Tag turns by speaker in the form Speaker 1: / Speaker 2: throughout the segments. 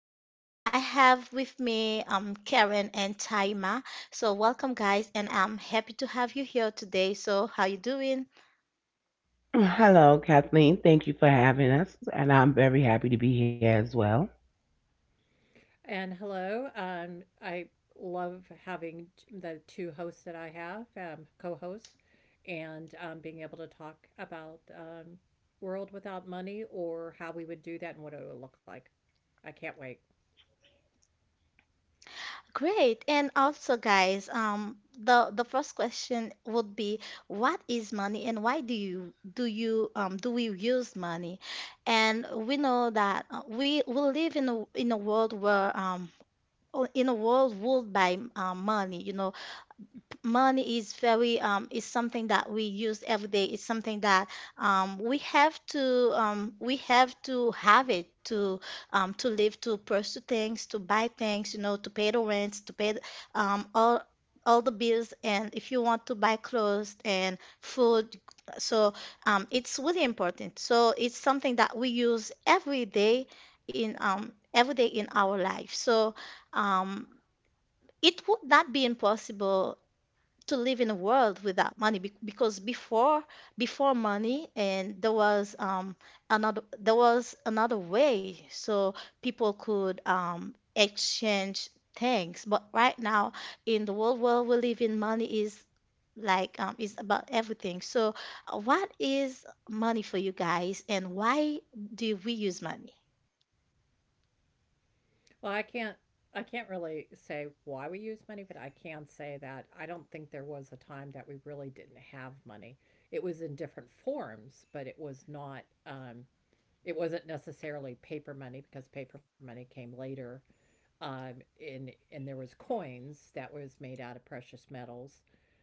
Speaker 1: So I have with me Karen and Taima. So welcome guys, and I'm happy to have you here today. So how you doing?
Speaker 2: Hello, Kathleen. Thank you for having us, and I'm very happy to be here as well.
Speaker 3: And hello. I love having the two hosts that I have, co-host, and being able to talk about world without money or how we would do that and what it would look like. I can't wait.
Speaker 1: Great. And also, guys, the first question would be, what is money and why do you do you do we use money? And we know that we live in a world where in a world ruled by money, you know, money is very is something that we use every day. It's something that we have to have it to live, to pursue things, to buy things, you know, to pay the rents, um all all the bills, and if you want to buy clothes and food. So it's really important. So it's something that we use every day in our life. So um it would not be impossible to live in a world without money because before money and there was another there was another way, so people could exchange things. But right now in the world where we live in, money is like is about everything. So what is money for you guys, and why do we use money?
Speaker 3: Well, I can't. I can't really say why we use money, but I can say that I don't think there was a time that we really didn't have money. It was in different forms, but it was not. It wasn't necessarily paper money because paper money came later, um, and there was coins that was made out of precious metals,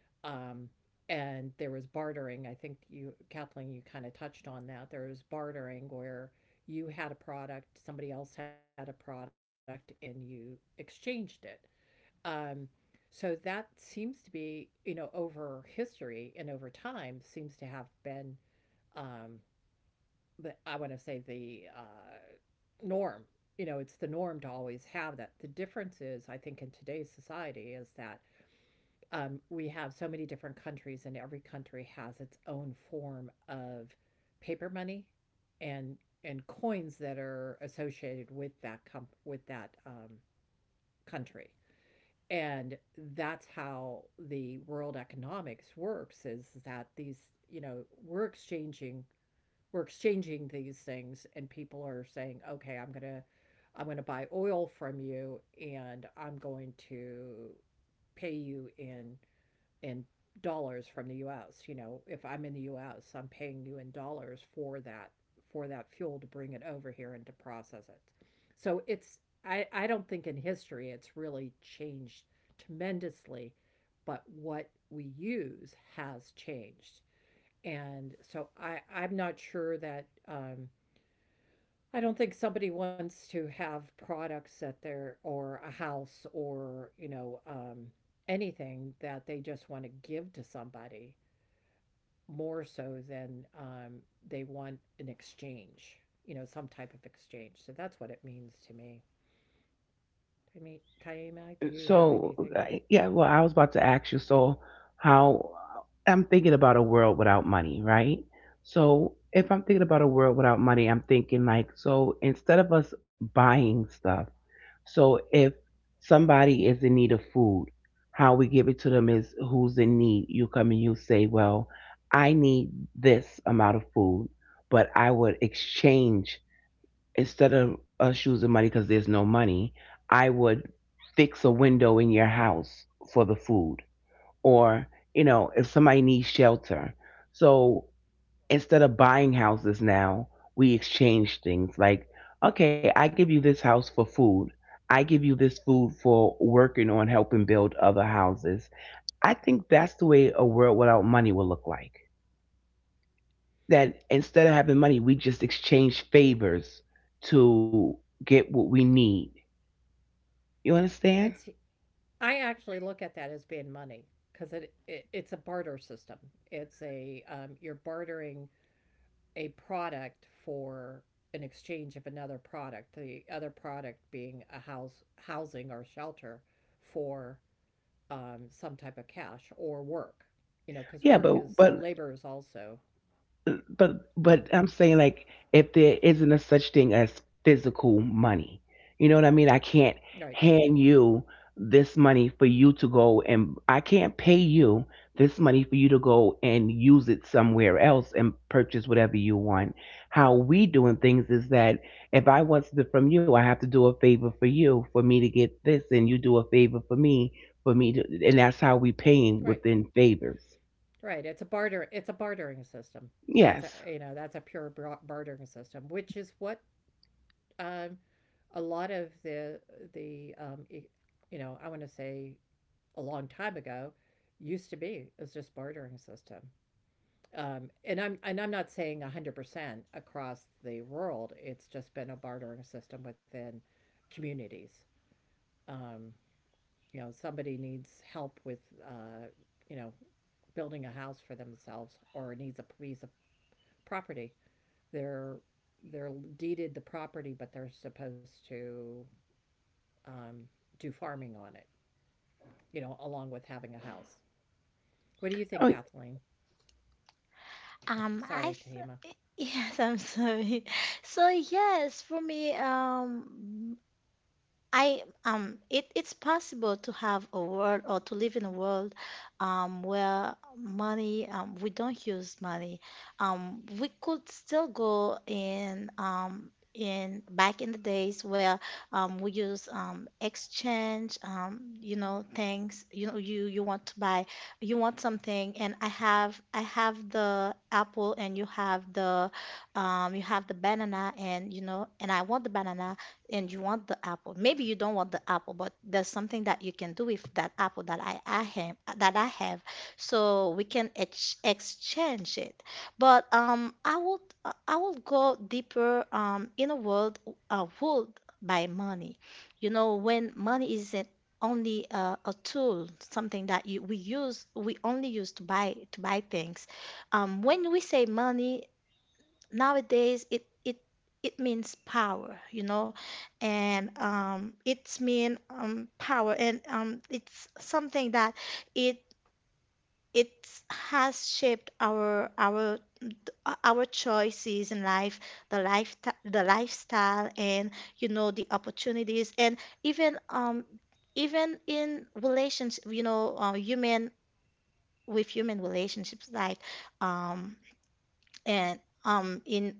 Speaker 3: um, and there was bartering. I think you, Kathleen, you kind of touched on that. There was bartering where you had a product, somebody else had a product, and you exchanged it. Um, so that seems to be, you know, over history and over time, seems to have been, um, but I want to say the norm. You know, it's the norm to always have that. The difference is, I think, in today's society is that, we have so many different countries, and every country has its own form of paper money and coins that are associated with with that country. And that's how the world economics works. Is that these, you know, we're exchanging these things and people are saying, okay, I'm going to buy oil from you and I'm going to pay you in in dollars from the US. You know, if I'm in the US, I'm paying you in dollars for that fuel to bring it over here and to process it. So it's, I don't think in history it's really changed tremendously, but what we use has changed. And so I'm not sure that, I don't think somebody wants to have products that they're, or a house or, you know, anything that they just want to give to somebody more so than, they want an exchange, you know, some type of exchange. So that's what it means to me. I mean, Taima, do you have
Speaker 2: So,
Speaker 3: anything
Speaker 2: uh,
Speaker 3: else?
Speaker 2: yeah, well, I was about to ask you, so how? I'm thinking about a world without money, right? So, if I'm thinking about a world without money, I'm thinking like, so instead of us buying stuff, so if somebody is in need of food, how we give it to them is who's in need. You come and you say, well, I need this amount of food, but I would exchange. Instead of us choosing money, because there's no money, I would fix a window in your house for the food. Or, you know, if somebody needs shelter. So instead of buying houses now, we exchange things like, okay, I give you this house for food. I give you this food for working on helping build other houses. I think that's the way a world without money will look like. That instead of having money, we just exchange favors to get what we need. You understand?
Speaker 3: And see, I actually look at that as being money because it it's a barter system. It's a, you're bartering a product for an exchange of another product, the other product being a house, housing or shelter for, some type of cash or work, you know,
Speaker 2: Yeah,
Speaker 3: because work
Speaker 2: but
Speaker 3: is
Speaker 2: but
Speaker 3: labor is also,
Speaker 2: but
Speaker 3: you
Speaker 2: but
Speaker 3: know,
Speaker 2: I'm saying like, if there isn't a such thing as physical money, you know what I mean? I can't
Speaker 3: right,
Speaker 2: hand you this money for you to go, and I can't pay you this money for you to go and use it somewhere else and purchase whatever you want. How we doing things is that if I want something from you, I have to do a favor for you for me to get this, and you do a favor for me to, and that's how we paying
Speaker 3: right,
Speaker 2: within favors.
Speaker 3: right. It's a barter. It's a bartering system. That's a,
Speaker 2: Yes.
Speaker 3: you know, that's a pure bartering system, which is what, um, a lot of the the um, e- you know, I want to say a long time ago used to be is just bartering system. And I'm not saying 100% across the world. It's just been a bartering system within communities. Um, you know, somebody needs help with, you know, building a house for themselves or needs a piece of property. They're they're deeded the property, but they're supposed to, um, do farming on it. You know, along with having a house. What do you think, Kathleen? Oh,
Speaker 1: um,
Speaker 3: sorry,
Speaker 1: I
Speaker 3: Tahima.
Speaker 1: th- yes, I'm sorry. So yes, for me, I it it's possible to have a world or to live in a world where money we don't use money. Um, we could still go in back in the days where we use exchange you know things, you know, you want to buy, you want something, and I have the apple, and you have the banana, and you know, and I want the banana and you want the apple. Maybe you don't want the apple, but there's something that you can do with that apple that I have, so we can ex exchange it. But I would go deeper in a world ruled by money. You know, when money isn't only a tool, something that you we use we only use to buy things. When we say money, nowadays it it means power, you know, and it's mean power, and it's something that it it has shaped our choices in life, the life the lifestyle, and you know, the opportunities, and even um even in relationships, you know, human with human relationships, like um and in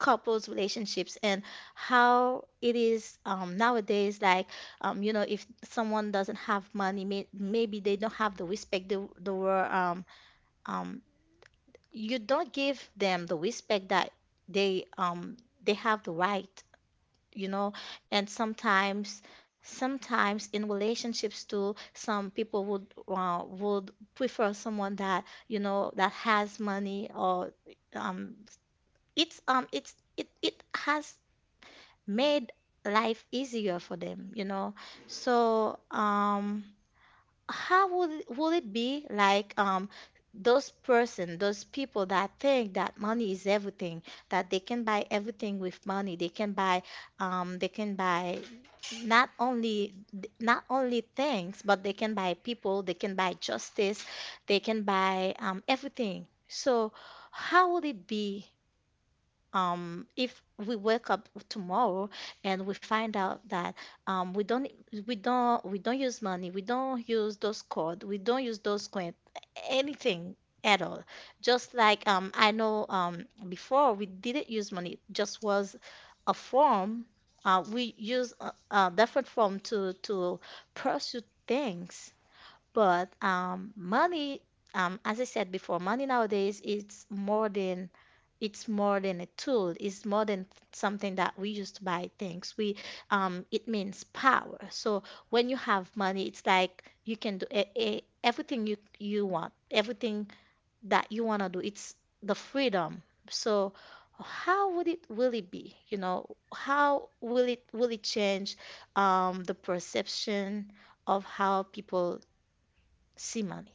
Speaker 1: couples relationships, and how it is nowadays, like you know, if someone doesn't have money, maybe they don't have the respect they were um, you don't give them the respect that they um, they have the right, you know. And sometimes sometimes in relationships too, some people would prefer someone that, you know, that has money, or um it's it has made life easier for them, you know. So, how would it be like? Um, those person, those people that think that money is everything, that they can buy everything with money. They can buy um they can buy not only things, but they can buy people, they can buy justice, they can buy everything. So, how would it be if we wake up tomorrow and we find out that um, we don't we don't use money, we don't use those code, we don't use those coin, anything at all. Just like I know before we didn't use money, it just was a form. We use a different form to pursue things. But money, as I said before, money nowadays it's more than a tool. It's more than something that we use to buy things. We it means power. So when you have money, it's like you can do everything you you want, everything that you wanna do. It's the freedom. So how would it really be? You know, how will it change the perception of how people see money?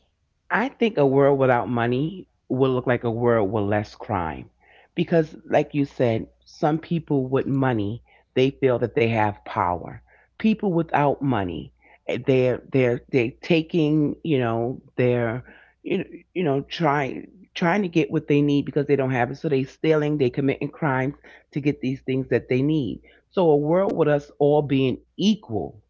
Speaker 2: I think a world without money will look like a world with less crime. Because, like you said, some people with money, they feel that they have power. People without money, eh, they're they taking, you know, they're, you know, you know trying trying to get what they need because they don't have it. So they stealing, they committing crimes to get these things that they need. So a world with us all being equal,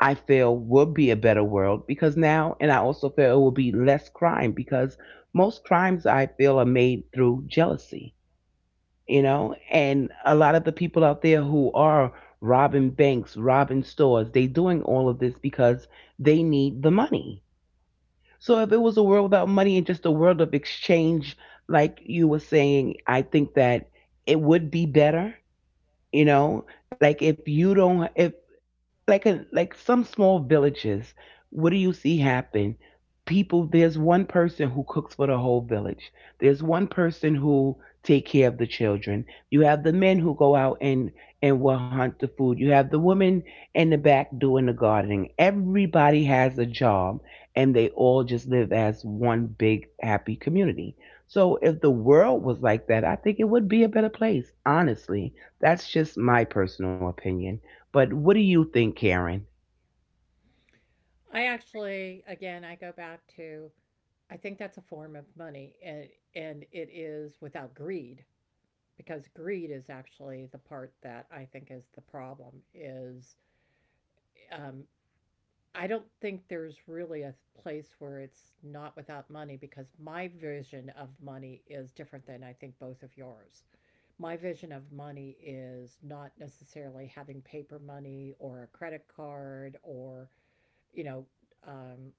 Speaker 2: I feel would be a better world because now, and I also feel it will be less crime because most crimes I feel are made through jealousy, you know, and a lot of the people out there who are robbing banks, robbing stores, they doing all of this because they need the money. So if it was a world without money and just a world of exchange, like you were saying, I think that it would be better, you know, like if you don't, if like, a like some small villages, what do you see happen? People, there's one person who cooks for the whole village, there's one person who take care of the children, you have the men who go out and will hunt the food, you have the women in the back doing the gardening, everybody has a job, and they all just live as one big happy community. So if the world was like that, I think it would be a better place, honestly. That's just my personal opinion. But what do you think, Karen?
Speaker 3: I actually, again, I go back to I think that's a form of money, and it is without greed because greed is actually the part that I think is the problem is, um, I don't think there's really a place where it's not without money because my vision of money is different than I think both of yours. My vision of money is not necessarily having paper money or a credit card or, you know, um,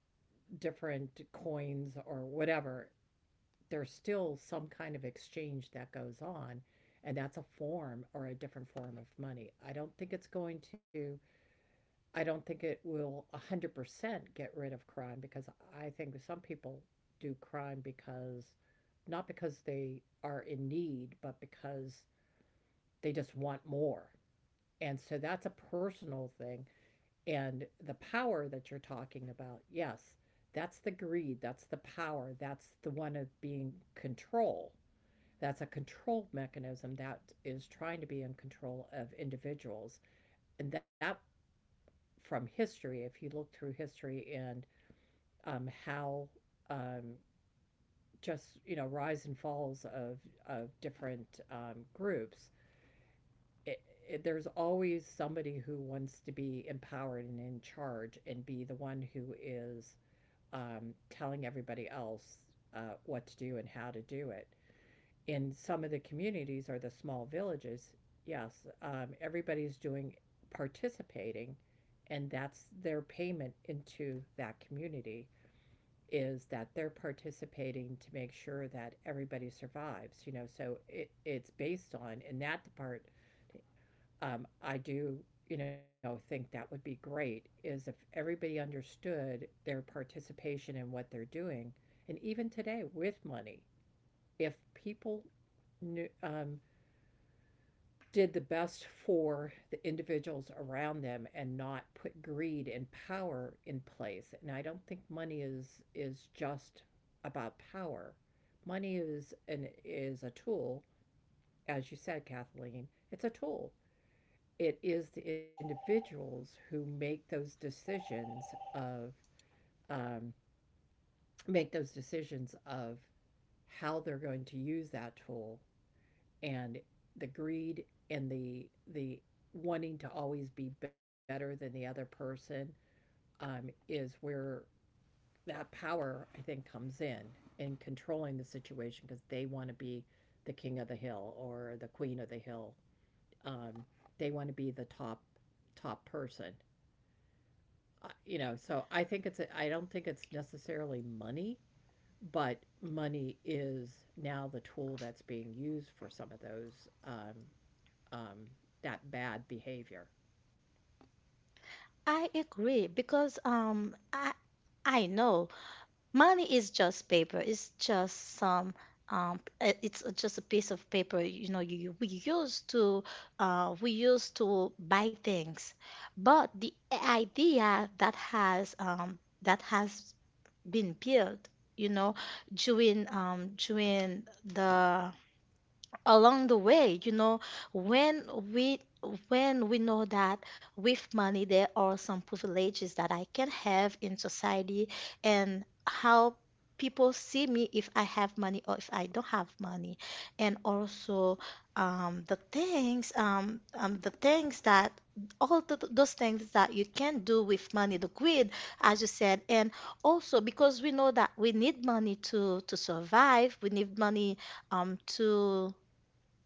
Speaker 3: different coins or whatever. There's still some kind of exchange that goes on, and that's a form or a different form of money. I don't think it's going to I don't think it will 100% get rid of crime because I think some people do crime because not because they are in need, but because they just want more. And so that's a personal thing. And the power that you're talking about, yes, that's the greed, that's the power, that's the one of being control. That's a control mechanism that is trying to be in control of individuals. And that, from history, if you look through history and, how, um, just, you know, rise and falls of different groups, it, it, there's always somebody who wants to be empowered and in charge and be the one who is, telling everybody else what to do and how to do it. In some of the communities or the small villages, yes, everybody's doing, participating, and that's their payment into that community is that they're participating to make sure that everybody survives, you know, so it's based on, in that part, I do, you know, think that would be great is if everybody understood their participation in what they're doing, and even today with money, if people knew, did the best for the individuals around them and not put greed and power in place. And I don't think money is just about power. Money is an is a tool, as you said, Kathleen. It's a tool. It is the individuals who make those decisions of, um, make those decisions of how they're going to use that tool, and the greed and the wanting to always be better than the other person, is where that power I think comes in controlling the situation because they want to be the king of the hill or the queen of the hill. Um, they want to be the top person, you know. So I think it's a, I don't think it's necessarily money, but money is now the tool that's being used for some of those um, that bad behavior.
Speaker 1: I agree, because I know money is just paper. It's just some it's just a piece of paper. You know, you we used to buy things, but the idea that has been built, you know, during during the along the way, you know, when we when we know that with money there are some privileges that I can have in society, and how people see me if I have money or if I don't have money. And also, the things that all th those things that you can do with money, the greed, as you said, and also because we know that we need money to survive, we need money to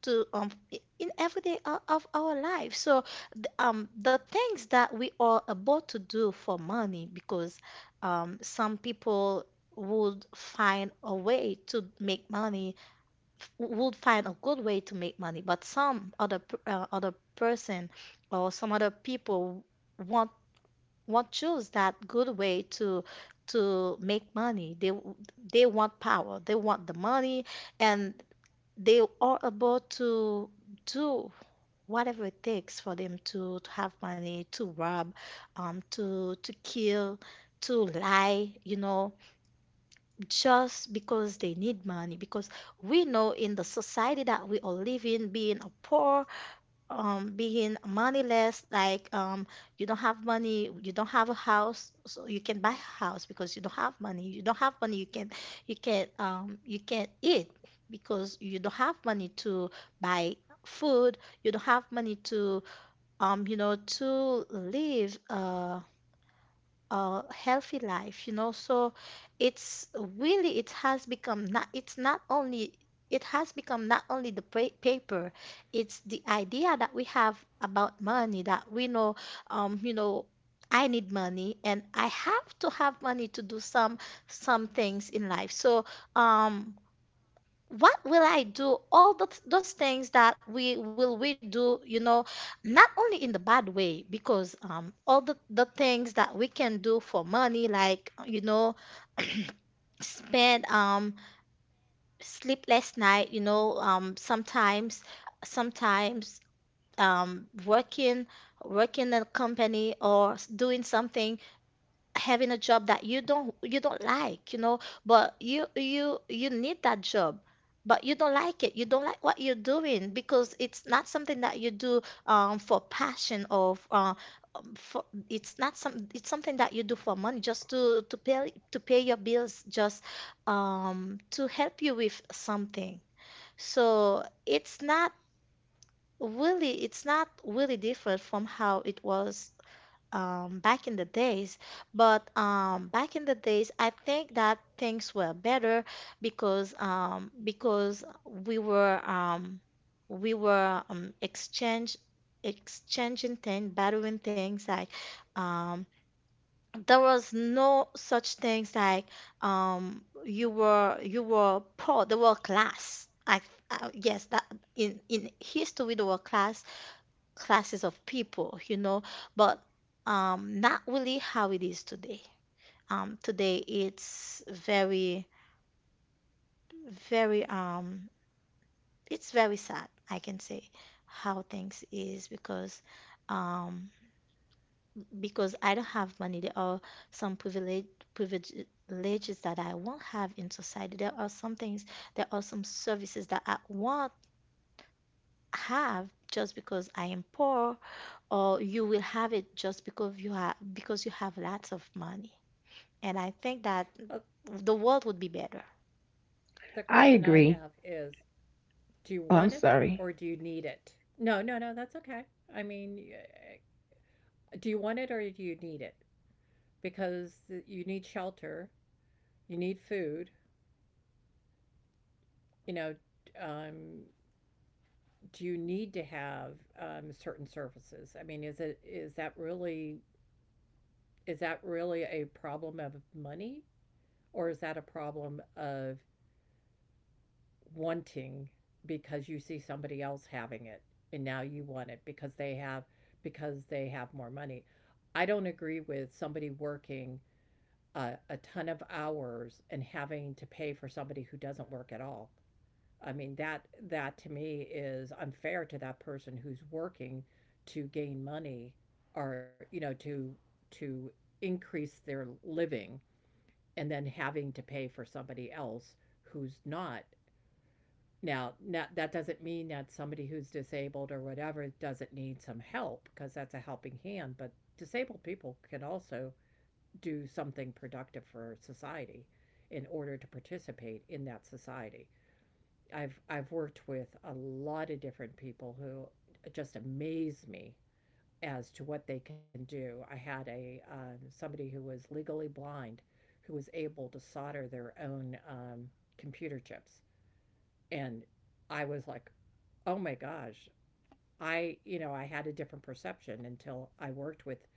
Speaker 1: in every day of our life. So the things that we are about to do for money, because some people would find a way to make money, would find a good way to make money, but other person or some other people want choose that good way to make money. They they want power, they want the money, and they are about to do whatever it takes for them to have money, to rob, to kill, to lie, you know, just because they need money. Because we know in the society that we all live in, being a poor being moneyless, like you don't have money, you don't have a house, so you can buy a house because you don't have money, you don't have money, you can you can not eat because you don't have money to buy food, you don't have money to you know, to live a healthy life, you know. So it's really it's not only the paper, it's the idea that we have about money, that we know, you know, I need money and I have to have money to do some things in life. So, um, what will I do? All those things that we do, you know, not only in the bad way, because all the things that we can do for money, like, you know, spend sleepless night, you know, sometimes working in a company, or doing something, having a job that you don't like, you know, but you you need that job, but you don't like it. You don't like what you're doing, because it's not something that you do for passion, or for, it's not some, it's something that you do for money just to pay to pay your bills, just to help you with something. So it's not really different from how it was back in the days. But back in the days, I think that things were better, because we were exchange exchanging things, borrowing things, like um, there was no such things like you were poor. There were class. Yes, that in history there were classes of people, you know, but not really how it is today. Today it's very, it's very sad, I can say, how things is, um, because I don't have money. There are some privileges that I won't have in society. There are some things, there are some services that I won't have just because I am poor, or you will have it just because you have, because you have lots of money. And I think that
Speaker 3: Well,
Speaker 1: the world would be better.
Speaker 3: the
Speaker 2: I
Speaker 3: question I
Speaker 2: agree.
Speaker 3: have is, do you
Speaker 2: Oh,
Speaker 3: want
Speaker 2: I'm
Speaker 3: it or
Speaker 2: sorry.
Speaker 3: do you need it? No, no, no, that's okay. I mean, do you want it or do you need it? Because you need shelter, you need food, you know, um, do you need to have, certain services? I mean, is it is that really a problem of money, or is that a problem of wanting because you see somebody else having it and now you want it because they have more money. I don't agree with somebody working a ton of hours and having to pay for somebody who doesn't work at all. I mean that that to me is unfair to that person who's working to gain money, or, you know, to increase their living and then having to pay for somebody else who's not now, not, that doesn't mean that somebody who's disabled or whatever doesn't need some help because that's a helping hand, but disabled people can also do something productive for society in order to participate in that society. I've worked with a lot of different people who just amaze me as to what they can do. I had a, somebody who was legally blind who was able to solder their own, computer chips, and I was like, oh my gosh, I, you know, I had a different perception until I worked with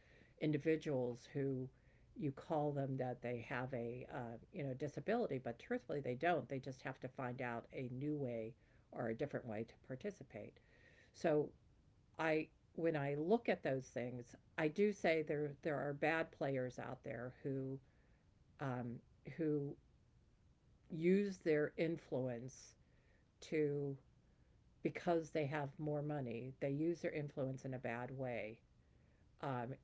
Speaker 3: individuals who you call them that they have a, you know, disability, but truthfully, they don't. They just have to find out a new way or a different way to participate. So I, when I look at those things, I do say there are bad players out there who, um, who use their influence to because they have more money, they use their influence in a bad way. Um,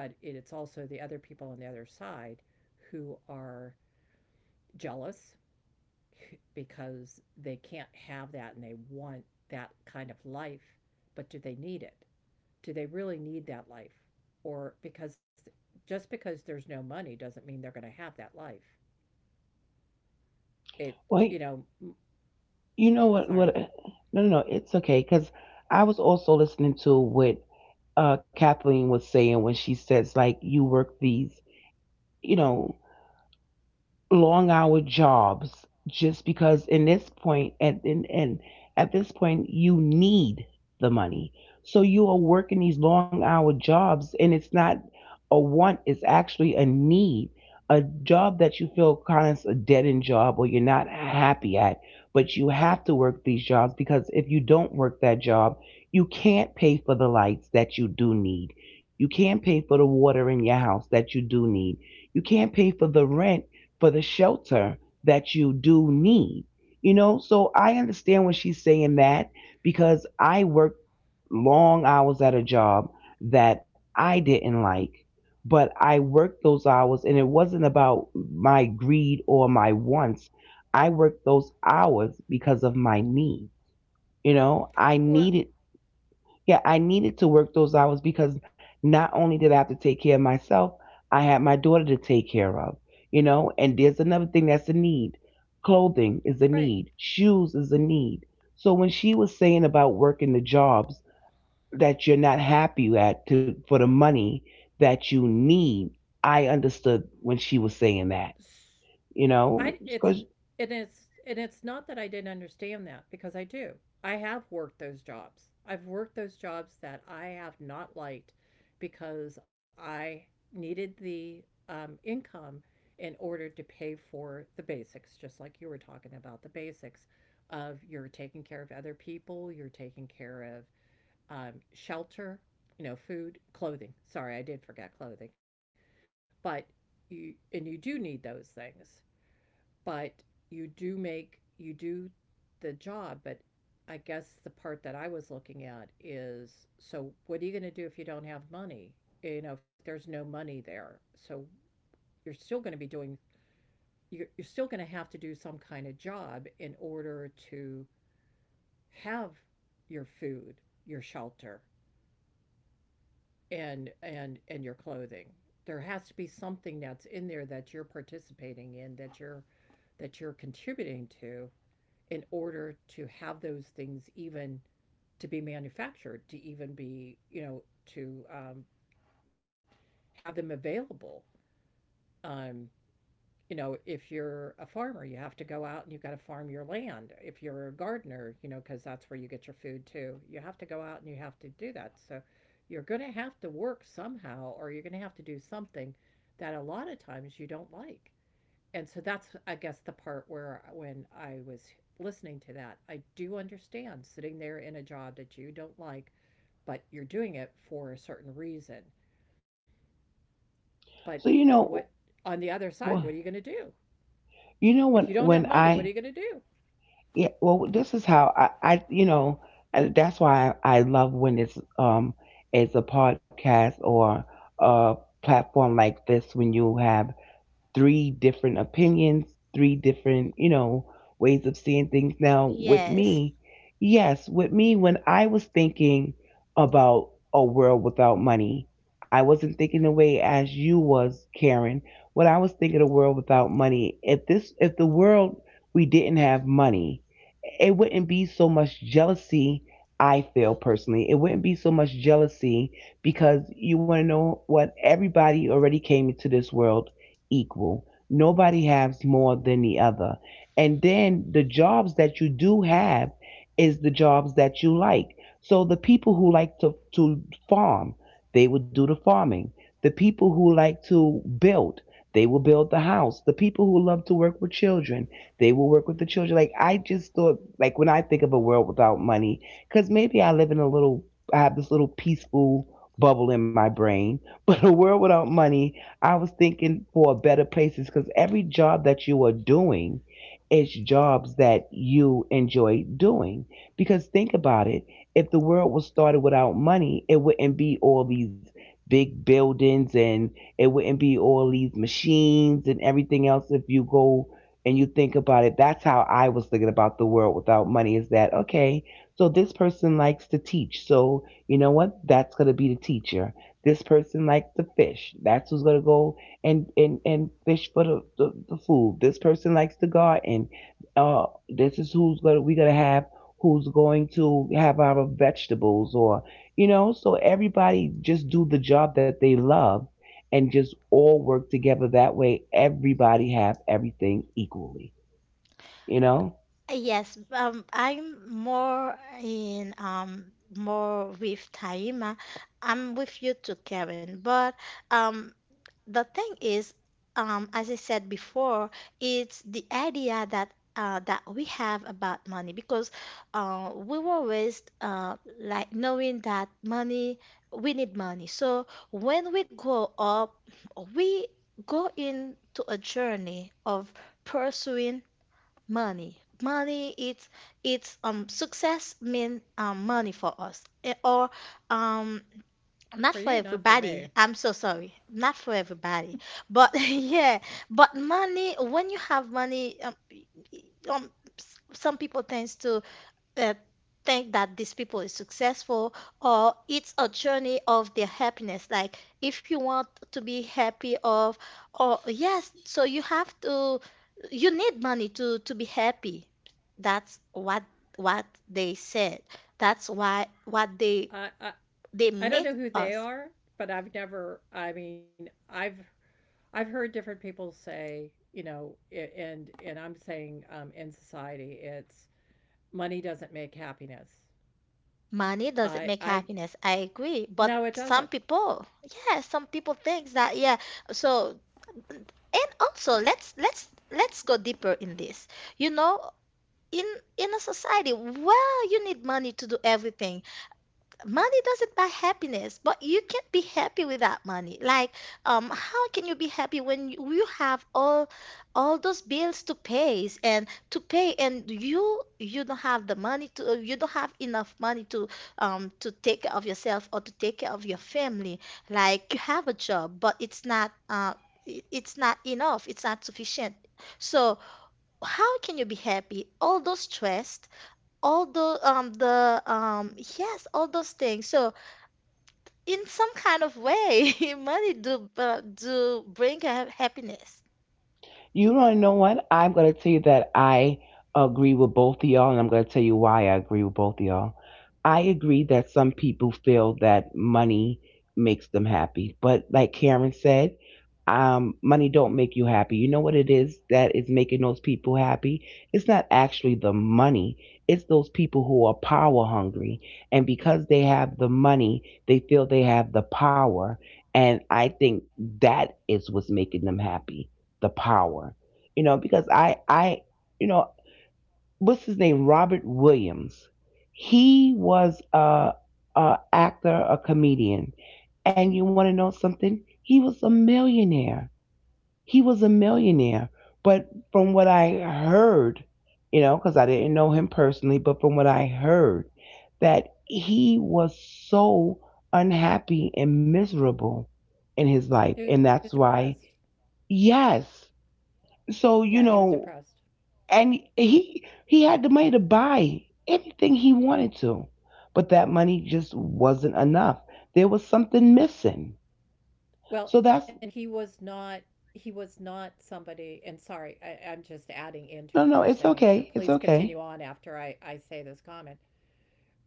Speaker 3: but it's also the other people on the other side who are jealous because they can't have that and they want that kind of life. But do they need it? Do they really need that life? Or because just because there's no money doesn't mean they're going to have that life. It,
Speaker 2: Well,
Speaker 3: you know,
Speaker 2: you know
Speaker 3: yeah,
Speaker 2: what? What?
Speaker 3: sorry.
Speaker 2: No, no, no. It's okay because I was also listening to what Kathleen was saying when she says like you work these, you know, long hour jobs just because in this point and at this point you need the money, so you are working these long hour jobs and it's not a want, it's actually a need, a job that you feel kind of a dead end job or you're not happy at, but you have to work these jobs because if you don't work that job, you can't pay for the lights that you do need, you can't pay for the water in your house that you do need, you can't pay for the rent, for the shelter, that you do need. You know, so I understand when she's saying that because I worked long hours at a job that I didn't like, but I worked those hours and it wasn't about my greed or my wants. I worked those hours because of my need. You know, I
Speaker 3: Well,
Speaker 2: needed, yeah, I needed to work those hours because not only did I have to take care of myself, I had my daughter to take care of, you know, and there's another thing that's a need. Clothing is a
Speaker 3: right.
Speaker 2: need, shoes is a need. So when she was saying about working the jobs that you're not happy at, to, for the money that you need, I understood when she was saying that, you
Speaker 3: I
Speaker 2: know,
Speaker 3: it's
Speaker 2: because
Speaker 3: and it's not that I didn't understand that because I do. I have worked those jobs. I've worked those jobs that I have not liked because I needed the, income in order to pay for the basics, just like you were talking about the basics of you're taking care of other people, you're taking care of, shelter, you know, food, clothing. Sorry, I did forget clothing, but you do need those things, but you do the job. But I guess the part that I was looking at is, so what are you going to do if you don't have money? You know, if there's no money there. So you're still going to be doing, you're still going to have to do some kind of job in order to have your food, your shelter, and your clothing. There has to be something that's in there that you're participating in, that you're contributing to, in order to have those things even to be manufactured, to even be, you know, to have them available. Um, if you're a farmer, you have to go out and you've got to farm your land. If you're a gardener, you know, because that's where you get your food too, you have to go out and you have to do that. So you're going to have to work somehow, or you're going to have to do something that a lot of times you don't like. And so that's, I guess, the part where, when I was listening to that, I do understand sitting there in a job that you don't like, but you're doing it for a certain reason. But
Speaker 2: so you
Speaker 3: what,
Speaker 2: know,
Speaker 3: on the other side, what are
Speaker 2: well,
Speaker 3: you going to do
Speaker 2: you know
Speaker 3: if you don't have
Speaker 2: when
Speaker 3: money? What are
Speaker 2: I
Speaker 3: you going to do?
Speaker 2: Yeah, well, this is how I you know, that's why I love when it's a podcast or a platform like this, when you have three different opinions, three different, you know, ways of seeing things. Now, with
Speaker 1: Yes,
Speaker 2: me, yes, with me, when I was thinking about a world without money, I wasn't thinking the way as you was, Karen. When I was thinking a world without money, if this, if the world we didn't have money, it wouldn't be so much jealousy. I feel personally it wouldn't be so much jealousy because you want to know what? Everybody already came into this world equal, nobody has more than the other, and then the jobs that you do have is the jobs that you like. So the people who like to farm, they will do the farming, the people who like to build, they will build the house, the people who love to work with children, they will work with the children. Like I just thought, like when I think of a world without money, because maybe I live in a little, I have this little peaceful bubble in my brain. But a world without money, I was thinking for better places because every job that you are doing is jobs that you enjoy doing. Because think about it, if the world was started without money, it wouldn't be all these big buildings, and it wouldn't be all these machines and everything else. If you go and you think about it, that's how I was thinking about the world without money, is that, okay, so this person likes to teach. So, you know what? That's going to be the teacher. This person likes to fish. That's who's going to go and fish for the food. This person likes to garden. This is who's going to, we're going to have who's going to have our vegetables, or, you know, so everybody just do the job that they love and just all work together, that way everybody have everything equally, you know.
Speaker 1: yes. I'm more in more with Taima. I'm with you too, Karen. But um, the thing is, as I said before, it's the idea that that we have about money, because we were raised like knowing that money, we need money. So when we grow up, we go into a journey of pursuing money. Money, it's success mean money for us. Eh, or um not
Speaker 3: For
Speaker 1: for
Speaker 3: you, not for
Speaker 1: everybody.
Speaker 3: me.
Speaker 1: I'm so sorry. Not for everybody. But but money, when you have money, um, some people tends to uh, think that these people is successful, or it's a journey of their happiness. Like if you want to be happy of, or yes, so you have to, you need money to be happy. That's what they said. That's why what they
Speaker 3: I,
Speaker 1: they
Speaker 3: I don't
Speaker 1: make
Speaker 3: know who they
Speaker 1: us.
Speaker 3: are, but I've never, I mean, I've heard different people say, you know, and I'm saying, in society, it's money doesn't make happiness.
Speaker 1: Money doesn't
Speaker 3: I
Speaker 1: make
Speaker 3: I
Speaker 1: happiness. I agree. But
Speaker 3: No, it
Speaker 1: some
Speaker 3: doesn't.
Speaker 1: people, yeah, some people thinks that, yeah. So, and also let's go deeper in this. You know, in in a society, well, you need money to do everything. Money doesn't buy happiness, but you can't be happy without money. Like, how can you be happy when you have all those bills to pay, and you don't have the money to you don't have enough money to take care of yourself or to take care of your family. Like, you have a job, but it's not it- it's not enough, it's not sufficient. So, how can you be happy? All those stress, all the yes, all those things. So in some kind of way, money do bring happiness.
Speaker 2: You don't know what? I'm going to tell you that I agree with both of y'all, and I'm going to tell you why I agree with both of y'all. I agree that some people feel that money makes them happy, but like Karen said, money don't make you happy. You know what it is that is making those people happy? It's not actually the money. It's those people who are power hungry, and because they have the money, they feel they have the power, and I think that is what's making them happy, the power. You know, because I you know, what's his name, Robert Williams. He was a actor, a comedian, and you want to know something? He was a millionaire. He was a millionaire. But from what I heard, you know, because I didn't know him personally, but from what I heard, that he was so unhappy and miserable in his life.
Speaker 3: He was
Speaker 2: And that's
Speaker 3: depressed.
Speaker 2: why, yes.
Speaker 3: Yeah,
Speaker 2: So,
Speaker 3: he was
Speaker 2: you
Speaker 3: depressed.
Speaker 2: know, and he had the money to buy anything he wanted to, but that money just wasn't enough, there was something missing,
Speaker 3: Well,
Speaker 2: so
Speaker 3: and
Speaker 2: that's
Speaker 3: he was not, he was not somebody, and sorry, I'm just adding into what
Speaker 2: no,
Speaker 3: you're
Speaker 2: no, it's
Speaker 3: saying, so
Speaker 2: okay,
Speaker 3: please
Speaker 2: it's
Speaker 3: continue
Speaker 2: okay.
Speaker 3: on after I say this comment.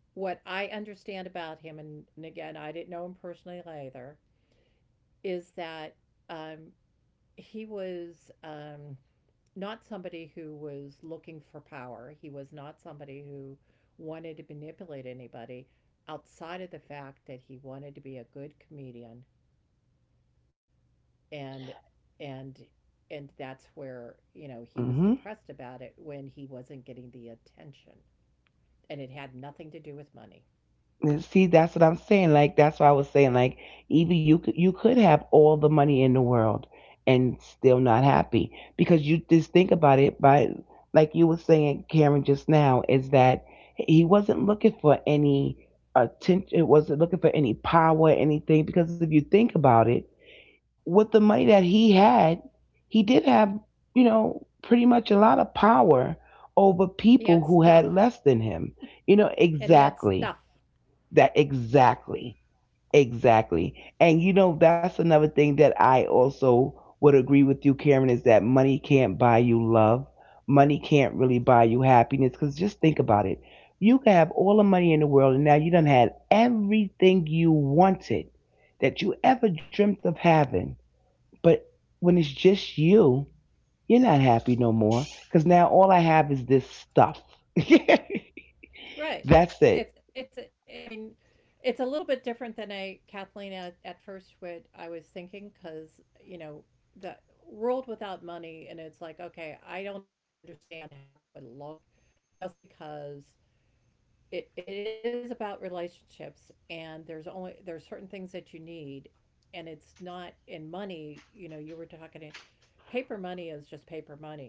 Speaker 3: What I understand about him, and again, I didn't know him personally either, is that um he was, not somebody who was looking for power. He was not somebody who wanted to manipulate anybody outside of the fact that he wanted to be a good comedian, and and and that's where, you know, he was
Speaker 2: Hmm.
Speaker 3: depressed about it when he wasn't getting the attention, and it had nothing to do with money.
Speaker 2: And see, that's what I'm saying. Like that's what I was saying. Like, Evie, you could, you could have all the money in the world and still not happy, because you just think about it. By, like you were saying, Karen, just now, is that he wasn't looking for any attention. It wasn't looking for any power, anything. Because if you think about it, with the money that he had, he did have, you know, pretty much a lot of power over people
Speaker 3: He
Speaker 2: who
Speaker 3: had
Speaker 2: had
Speaker 3: stuff,
Speaker 2: less than him. You know
Speaker 3: and he had
Speaker 2: exactly.
Speaker 3: stuff
Speaker 2: That exactly, exactly. And you know, that's another thing that I also would agree with you, Karen, is that money can't buy you love. Money can't really buy you happiness. Because just think about it. You can have all the money in the world, and now you done had everything you wanted, that you ever dreamt of having. But when it's just you, you're not happy no more. Because now all I have is this stuff. That's
Speaker 3: Right.
Speaker 2: it.
Speaker 3: It's I mean, it's a little bit different than I Kathleen at first what I was thinking, cuz you know, the world without money and it's like, okay, I don't understand how that would look, just because it is about relationships, and there's only, there's certain things that you need, and it's not in money. You know, you were talking, paper money is just paper money.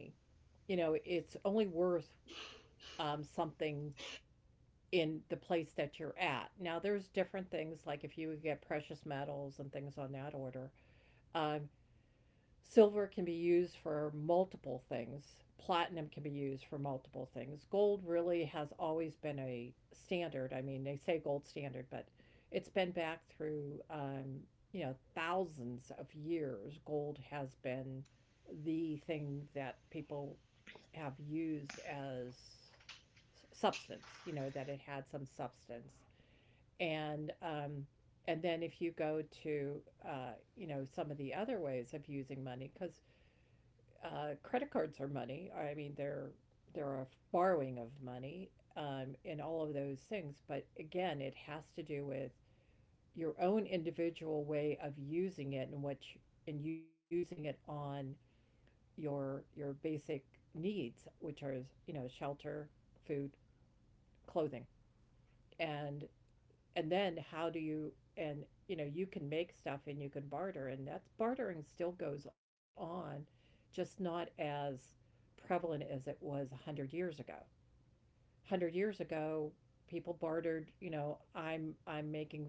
Speaker 3: You know, it's only worth, something in the place that you're at. Now, there's different things like if you get precious metals and things on that order. Um, Silver can be used for multiple things. Platinum can be used for multiple things. Gold really has always been a standard. I mean, they say gold standard, but it's been back through, you know, thousands of years. Gold has been the thing that people have used as substance, you know, that it had some substance. And, and then if you go to uh, you know, some of the other ways of using money, because, credit cards are money. I mean, they're a borrowing of money, in all of those things. But again, it has to do with your own individual way of using it and what you, and using it on your basic needs, which are, you know, shelter, food, clothing, and and then how do you, and you know, you can make stuff and you can barter, and that's, bartering still goes on, just not as prevalent as it was 100 years ago. 100 years ago, people bartered. You know, I'm, I'm making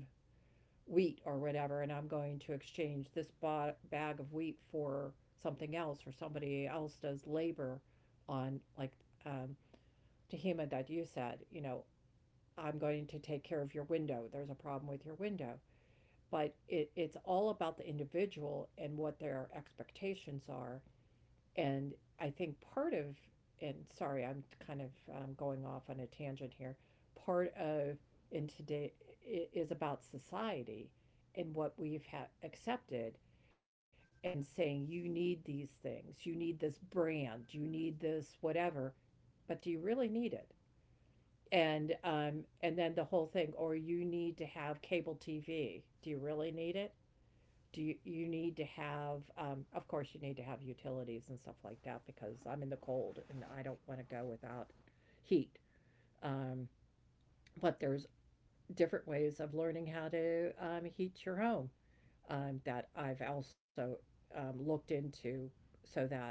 Speaker 3: wheat or whatever, and I'm going to exchange this bag of wheat for something else, or somebody else does labor on, like, um, Tahima, that you said, you know, I'm going to take care of your window, there's a problem with your window. But it, it's all about the individual and what their expectations are. And I think part of, and sorry, I'm kind of, going off on a tangent here. Part of, in today, is about society and what we've accepted and saying you need these things, you need this brand, you need this whatever, but do you really need it? And, and then the whole thing, or you need to have cable TV. Do you really need it? Do you, you need to have, of course you need to have utilities and stuff like that, because I'm in the cold and I don't want to go without heat. um, but there's different ways of learning how to, heat your home, that I've also, looked into, so that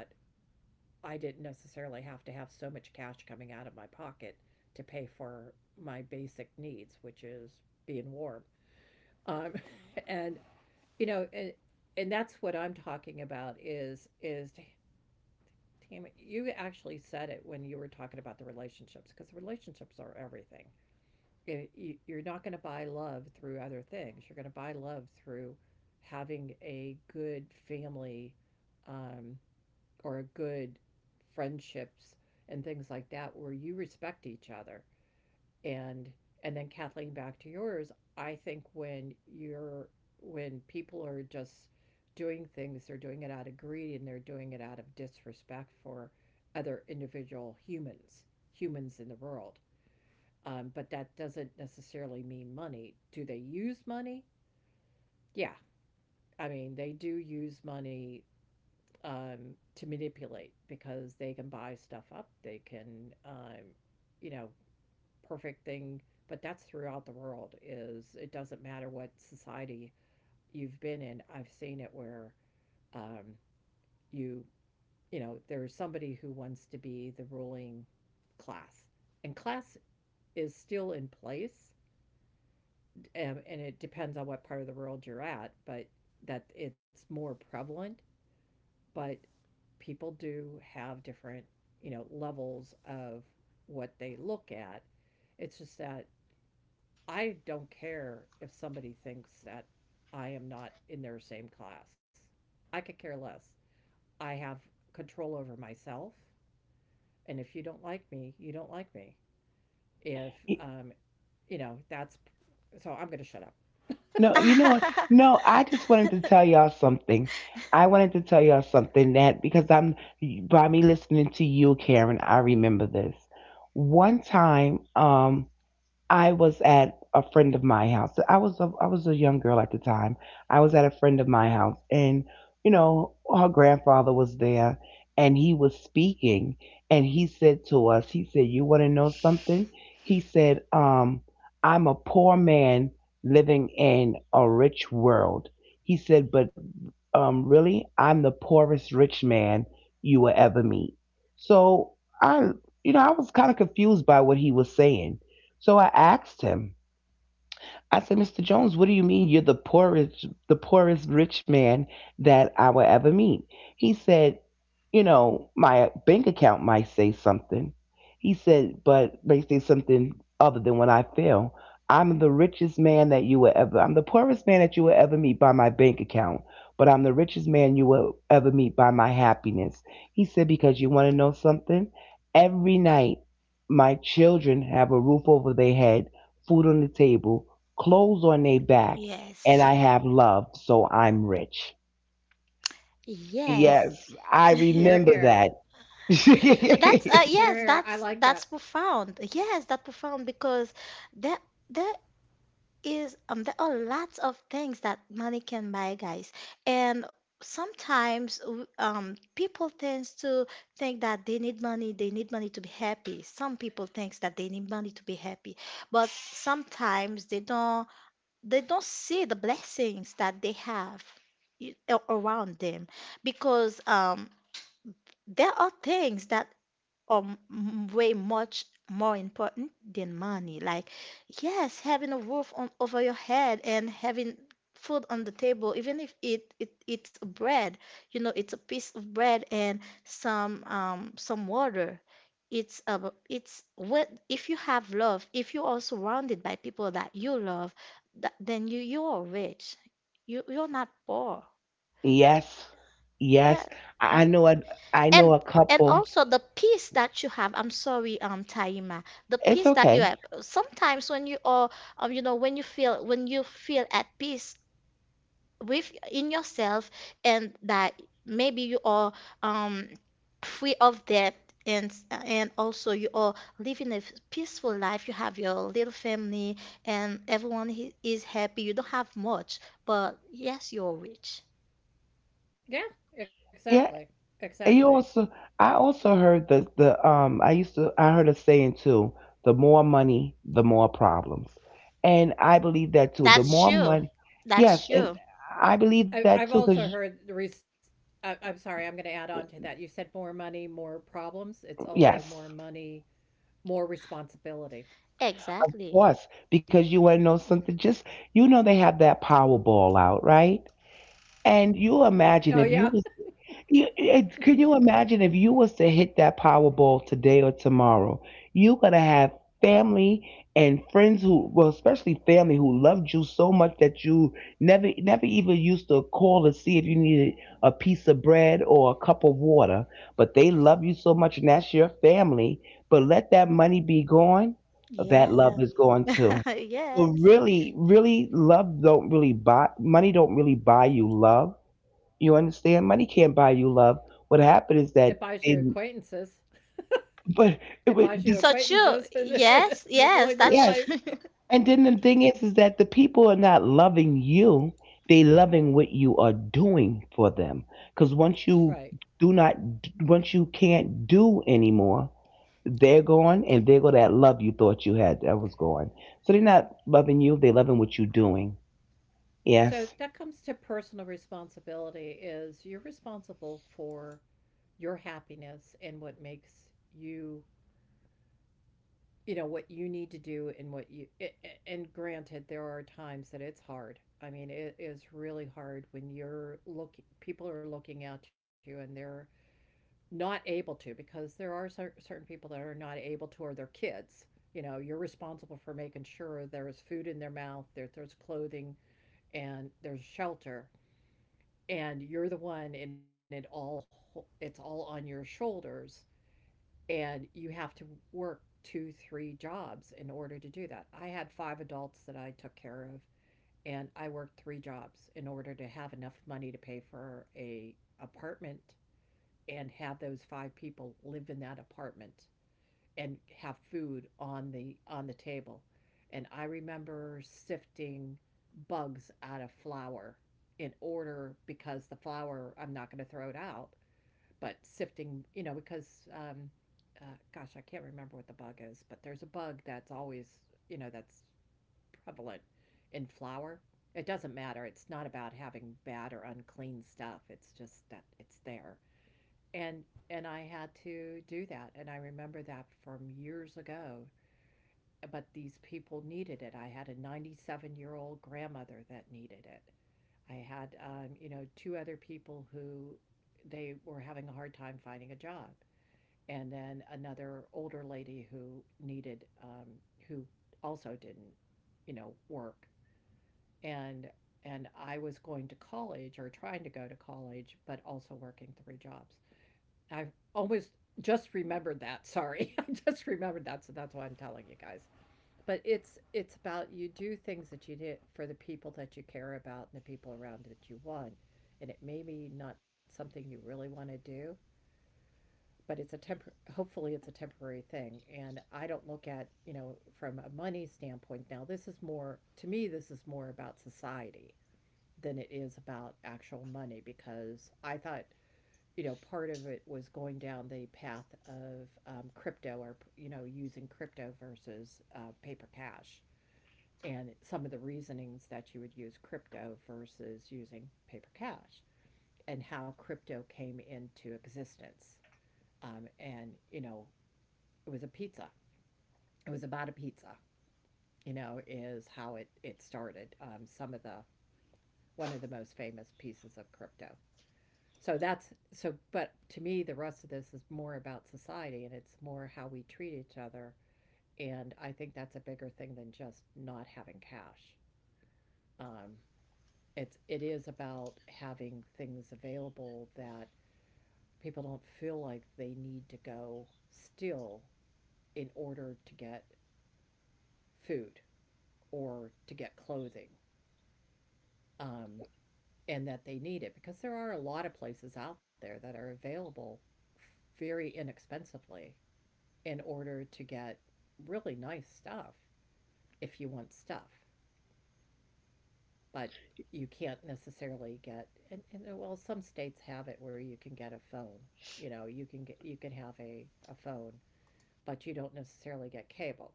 Speaker 3: I didn't necessarily have to have so much cash coming out of my pocket to pay for my basic needs, which is being warm. um, and, you know, and that's what I'm talking about, is damn it, you actually said it when you were talking about the relationships, because relationships are everything. You're not going to buy love through other things, you're going to buy love through having a good family, um, or a good friendships and things like that, where you respect each other. and and then, Kathleen, back to yours, I think when you're, when people are just doing things, they're doing it out of greed, and they're doing it out of disrespect for other individual humans, humans in the world. But that doesn't necessarily mean money. Do they use money? Yeah. I mean, they do use money, to manipulate, because they can buy stuff up, they can, you know, perfect thing. But that's throughout the world, is it doesn't matter what society you've been in, I've seen it where, um, you you know, there's somebody who wants to be the ruling class. And class is still in place, and it depends on what part of the world you're at, but that it's more prevalent. But people do have different, you know, levels of what they look at. It's just that I don't care if somebody thinks that I am not in their same class. I could care less. I have control over myself. And if you don't like me, you don't like me. If, um, you know, that's, so I'm going to shut up.
Speaker 2: No, you know what? No, I just wanted to tell y'all something. I wanted to tell y'all something that because I'm by me listening to you, Karen, I remember this. One time, I was at a friend of my house. I was a young girl at the time. I was at a friend of my house, and you know her grandfather was there, and he was speaking, and he said to us, he said, "You want to know something?" He said, "I'm a poor man living in a rich world." He said, "But really, I'm the poorest rich man you will ever meet." So I, you know, I was kind of confused by what he was saying, so I asked him, I said, "Mr. Jones, what do you mean you're the poorest rich man that I will ever meet?" He said, "You know, my bank account might say something." He said, "But may say something other than what I feel. I'm the poorest man that you will ever meet by my bank account, but I'm the richest man you will ever meet by my happiness." He said, "Because you want to know something? Every night my children have a roof over their head, food on the table, clothes on their back, and
Speaker 1: Yes.
Speaker 2: I have love, so I'm rich."
Speaker 1: Yes,
Speaker 2: Yes, I remember
Speaker 3: Hear,
Speaker 2: that.
Speaker 3: hear.
Speaker 1: that's yes,
Speaker 3: Hear, hear.
Speaker 1: that's
Speaker 3: I like
Speaker 1: that's
Speaker 3: that.
Speaker 1: profound. Yes, that's profound because there there is there are lots of things that money can buy, guys, and sometimes people tends to think that they need money to be happy. Some people thinks that they need money to be happy, but sometimes they don't. They don't see the blessings that they have around them because there are things that way much more important than money. Like, yes, having a roof on over your head and having food on the table, even if it's bread, you know, it's a piece of bread and some water. It's what if you have love, if you are surrounded by people that you love, that, then you are rich. You're not poor.
Speaker 2: Yes,
Speaker 1: Yeah,
Speaker 2: yes.
Speaker 3: Yeah.
Speaker 2: I I know a, I
Speaker 1: And
Speaker 2: know a
Speaker 1: and
Speaker 2: couple.
Speaker 1: also the peace that you have. I'm sorry, Taima. The
Speaker 2: It's
Speaker 1: peace that you have.
Speaker 2: okay.
Speaker 1: Sometimes when you are, you know, when you feel at peace with in yourself, and that maybe you are um free of debt. And also you are living a peaceful life, you have your little family, and everyone is happy. You don't have much, but yes, you're rich.
Speaker 3: Yeah, exactly.
Speaker 2: Yeah, and
Speaker 3: Exactly.
Speaker 2: you also I also heard the the I used to I heard a saying too, the more money, the more problems. And I believe that too. The
Speaker 1: That's
Speaker 2: more
Speaker 1: true.
Speaker 2: money,
Speaker 1: That's
Speaker 2: yes,
Speaker 1: true.
Speaker 2: and I believe
Speaker 3: I,
Speaker 2: that too
Speaker 3: I've also
Speaker 2: cuz
Speaker 3: heard the reason. I'm sorry, I'm going to add on to that. You said more money, more problems. It's also more
Speaker 2: yes.
Speaker 3: money, more responsibility.
Speaker 1: Exactly.
Speaker 2: Course, because you want to know something. Just you know they have that Powerball out, right? And you imagine
Speaker 3: Oh
Speaker 2: if you
Speaker 3: yeah.
Speaker 2: was you, it, can you imagine if you was to hit that Powerball today or tomorrow? You're gonna have family and friends who, well, especially family who loved you so much that you never, never even used to call to see if you needed a piece of bread or a cup of water. But they love you so much, and that's your family. But let that money be gone, that love
Speaker 1: Yeah.
Speaker 2: is gone too. So
Speaker 1: Yes.
Speaker 2: really, really, love don't really buy money. Don't really buy you love, you understand? Money can't buy you love. What happened is
Speaker 3: It
Speaker 2: that
Speaker 3: buys you
Speaker 2: they,
Speaker 3: acquaintances.
Speaker 2: but,
Speaker 3: It
Speaker 2: but
Speaker 3: buys you
Speaker 1: So true.
Speaker 3: acquaintances and
Speaker 1: Yes,
Speaker 3: people
Speaker 1: yes,
Speaker 3: in your
Speaker 1: that's
Speaker 2: yes,
Speaker 3: life.
Speaker 1: true.
Speaker 2: and then the thing is that the people are not loving you. They loving what you are doing for them. Because once
Speaker 3: Right.
Speaker 2: you do not, once you can't do anymore, they're gone, and there go that love you thought you had that was gone. So they're not loving you. They're loving what you're doing.
Speaker 3: So
Speaker 2: Yes.
Speaker 3: that comes to personal responsibility, is you're responsible for your happiness and what makes you, you know, what you need to do and what you, and granted, there are times that it's hard. I mean, it is really hard when you're looking, people are looking at you and they're not able to, because there are certain people that are not able to, or their kids, you know, you're responsible for making sure there is food in their mouth, there, there's clothing and there's shelter, and you're the one and it all, it's all on your shoulders. And you have to work 2 3 jobs in order to do that. I had 5 adults that I took care of, and I worked 3 jobs in order to have enough money to pay for a apartment, and have those 5 people live in that apartment, and have food on the, on the table. And I remember sifting bugs out of flour in order, because the flour, I'm not going to throw it out, but sifting, you know, because uh, gosh, I can't remember what the bug is, but there's a bug that's always, you know, that's prevalent in flour. It doesn't matter. It's not about having bad or unclean stuff. It's just that it's there. And I had to do that, and I remember that from years ago, but these people needed it. I had a 97-year-old grandmother that needed it. I had, you know, 2 other people who, they were having a hard time finding a job. And then another older lady who needed, who also didn't, you know, work. And, and I was going to college, or trying to go to college, but also working 3 jobs. I almost just remembered that. Sorry. I just remembered that, so that's why I'm telling you guys. But it's about, you do things that you did for the people that you care about and the people around that you want. And it may be not something you really want to do, but it's a temp, hopefully it's a temporary thing. And I don't look at, you know, from a money standpoint. Now this is more to me, this is more about society than it is about actual money, because I thought, you know, part of it was going down the path of crypto or, you know, using crypto versus paper cash, and some of the reasonings that you would use crypto versus using paper cash, and how crypto came into existence. You know, it was a pizza. It was about a pizza, you know, is how it started. One of the most famous pieces of crypto. So but to me, the rest of this is more about society, and it's more how we treat each other. And I think that's a bigger thing than just not having cash. Um, it's, it is about having things available that people don't feel like they need to go still in order to get food or to get clothing, um, and that they need it, because there are a lot of places out there that are available very inexpensively in order to get really nice stuff if you want stuff. But you can't necessarily get and well, some states have it where you can get a phone. You know, you can get, you can have a phone, but you don't necessarily get cable.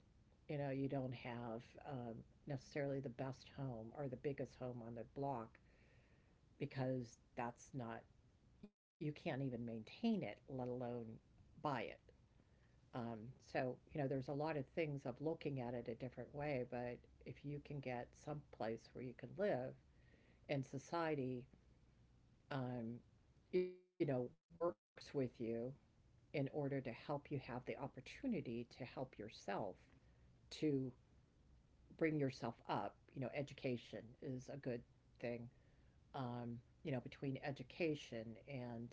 Speaker 3: You know, you don't have um, necessarily the best home or the biggest home on the block, because that's not, you can't even maintain it, let alone buy it. Um, so, you know, there's a lot of things of looking at it a different way, but if you can get some place where you can live, and society, um, you know, works with you in order to help you have the opportunity to help yourself to bring yourself up, you know, education is a good thing. Um, you know, between education and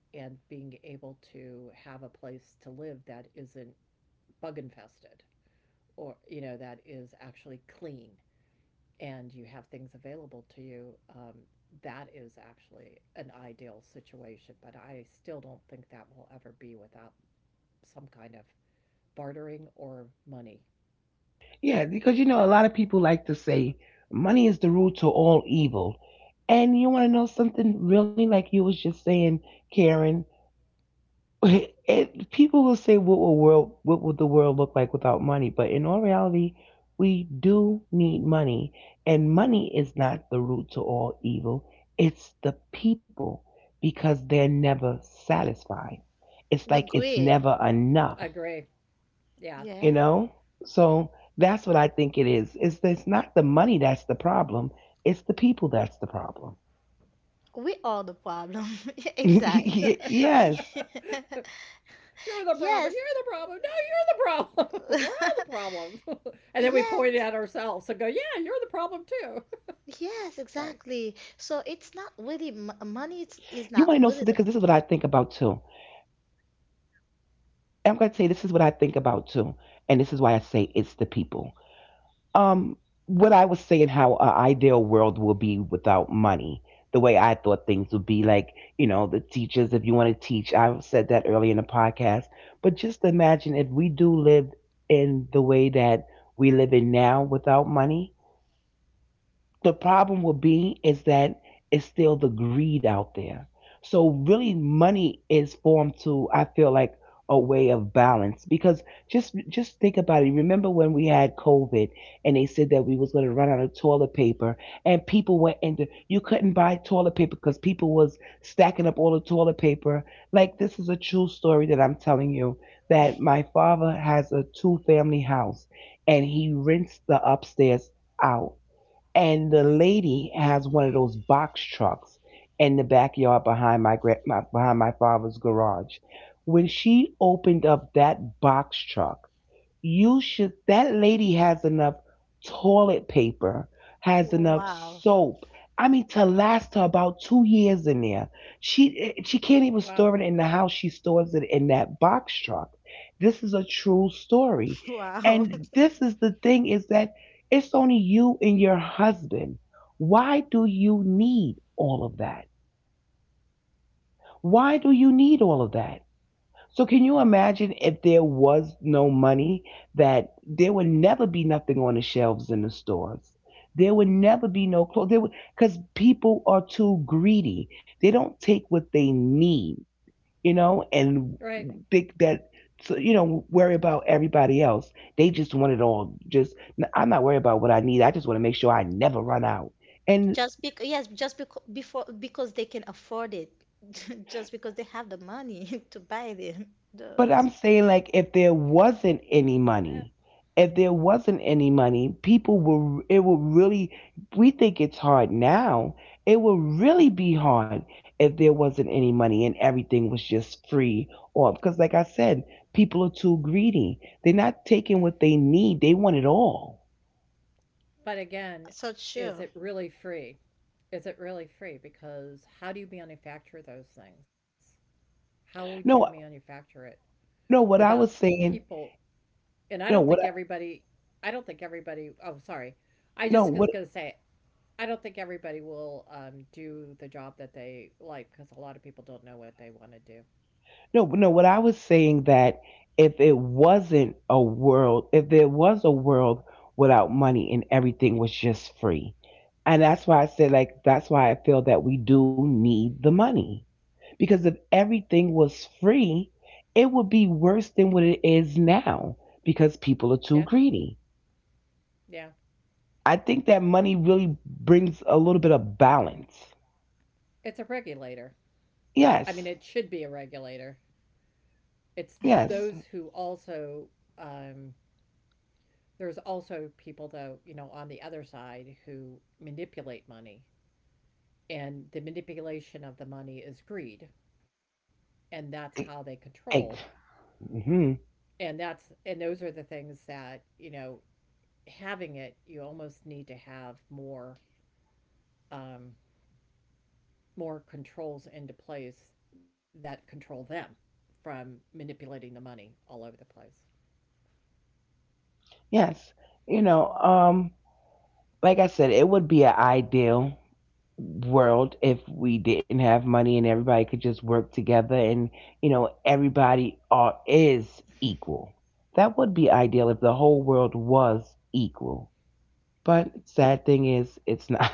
Speaker 3: being able to have a place to live that isn't bug infested, or you know, that is actually clean, and you have things available to you, that is actually an ideal situation, but I still don't think that will ever be without some kind of bartering or money.
Speaker 2: Yeah, because you know, a lot of people like to say money is the root to all evil. And you want to know something really like you was just saying, Karen? It, people will say, what will world, what would the world look like without money? But in all reality, we do need money. And money is not the root to all evil. It's the people because they're never satisfied. It's like it's
Speaker 1: Agreed.
Speaker 2: never enough,
Speaker 3: Agree. Yeah.
Speaker 2: you
Speaker 1: Yeah.
Speaker 2: know, so that's what I think it is. It's not the money that's the problem, it's the people that's the problem.
Speaker 1: We are the problem. Yeah, exactly.
Speaker 3: You're
Speaker 2: Yes,
Speaker 3: the problem,
Speaker 1: Yes.
Speaker 3: you're the problem. No, you're the problem. We're all the problem. And then we point
Speaker 1: Yes.
Speaker 3: at ourselves and go, yeah, you're the problem too.
Speaker 1: Yes,
Speaker 3: Sorry.
Speaker 2: you want
Speaker 1: exactly.
Speaker 2: to know
Speaker 1: So
Speaker 2: something because
Speaker 1: it's
Speaker 2: this is
Speaker 1: not
Speaker 2: what I
Speaker 1: really
Speaker 2: think
Speaker 1: m
Speaker 2: about too.
Speaker 1: money, it's, is not really the
Speaker 2: And I'm going to tell you this is what I think about too, and this is why I say it's the people. Um, what I was saying, how a ideal world will be without money, the way I thought things would be, like you know, the teachers. If you want to teach, I said that earlier in the podcast. But just imagine if we do live in the way that we live in now without money, the problem will be is that it's still the greed out there. So really money is formed to I feel like a way of balance because just think about it. Remember when we had COVID and they said that we was going to run out of toilet paper and people went into you couldn't buy toilet paper because people was stacking up all the toilet paper. Like this is a true story that I'm telling you that my father has a two family house and he rents the upstairs out, and the lady has one of those box trucks in the backyard behind my behind my father's garage. When she opened up that box truck, you should that lady has enough toilet paper, has enough
Speaker 1: wow.
Speaker 2: soap, I mean, to last her about 2 years in there. She can't
Speaker 3: Wow.
Speaker 2: even store it in the house, she stores it in that box truck. This is a true story.
Speaker 1: Wow.
Speaker 2: And this is the thing is that it's only you and your husband. Why do you need all of that? Why do you need all of that? So can you imagine if there was no money, that there would never be nothing on the shelves in the stores. There would never be no clothes. There would, because people are too greedy. They don't take what they need, you know, and
Speaker 3: Right.
Speaker 2: think that. So you know worry about everybody else. They just want it all. Just I'm not worried about what I need. I just want to make sure I never run out. And
Speaker 1: Just because yes, just because before because they can afford it. Just because they have the money to buy them. The
Speaker 2: but I'm saying, like, if there wasn't any
Speaker 3: Eh.
Speaker 2: money, if there wasn't any money, people will, it will really, we think it's hard now. It will really be hard if there wasn't any money and everything was just free. Or, because, like I said, people are too greedy. They're not taking what they need, they want it all.
Speaker 3: But again,
Speaker 1: so sure.
Speaker 3: is it really free? Is it really free? Because how do you manufacture those things? How would you
Speaker 2: No,
Speaker 3: manufacture it
Speaker 2: no, what
Speaker 3: without
Speaker 2: I was saying,
Speaker 3: people? And I don't
Speaker 2: no,
Speaker 3: think
Speaker 2: what, I-
Speaker 3: everybody, I don't think everybody, oh, sorry. I
Speaker 2: no,
Speaker 3: just was
Speaker 2: what
Speaker 3: going to say, I don't think everybody will do the job that they like, because a lot of people don't know what they want to do.
Speaker 2: no, no, what I was saying that if it wasn't a world, if there was a world without money and everything was just free. And that's why I said, like, that's why I feel that we do need the money. Because if everything was free, it would be worse than what it is now because people are too
Speaker 3: Yeah,
Speaker 2: greedy.
Speaker 3: yeah.
Speaker 2: I think that money really brings a little bit of balance.
Speaker 3: It's a regulator. I mean,
Speaker 2: Yes,
Speaker 3: it should be a regulator. It's
Speaker 2: yes.
Speaker 3: those who also, um, there's also people, though, you know, on the other side who manipulate money, and the manipulation of the money is greed, and that's how they control.
Speaker 2: Mm.
Speaker 3: And that's, and those are the things that, you know, having it, you almost need to have more, um, more controls into place that control them from manipulating the money all over the place.
Speaker 2: Yes, you know, like I said, it would be an ideal world if we didn't have money and everybody could just work together and you know everybody are is equal. That would be ideal if the whole world was equal. But sad thing is it's not.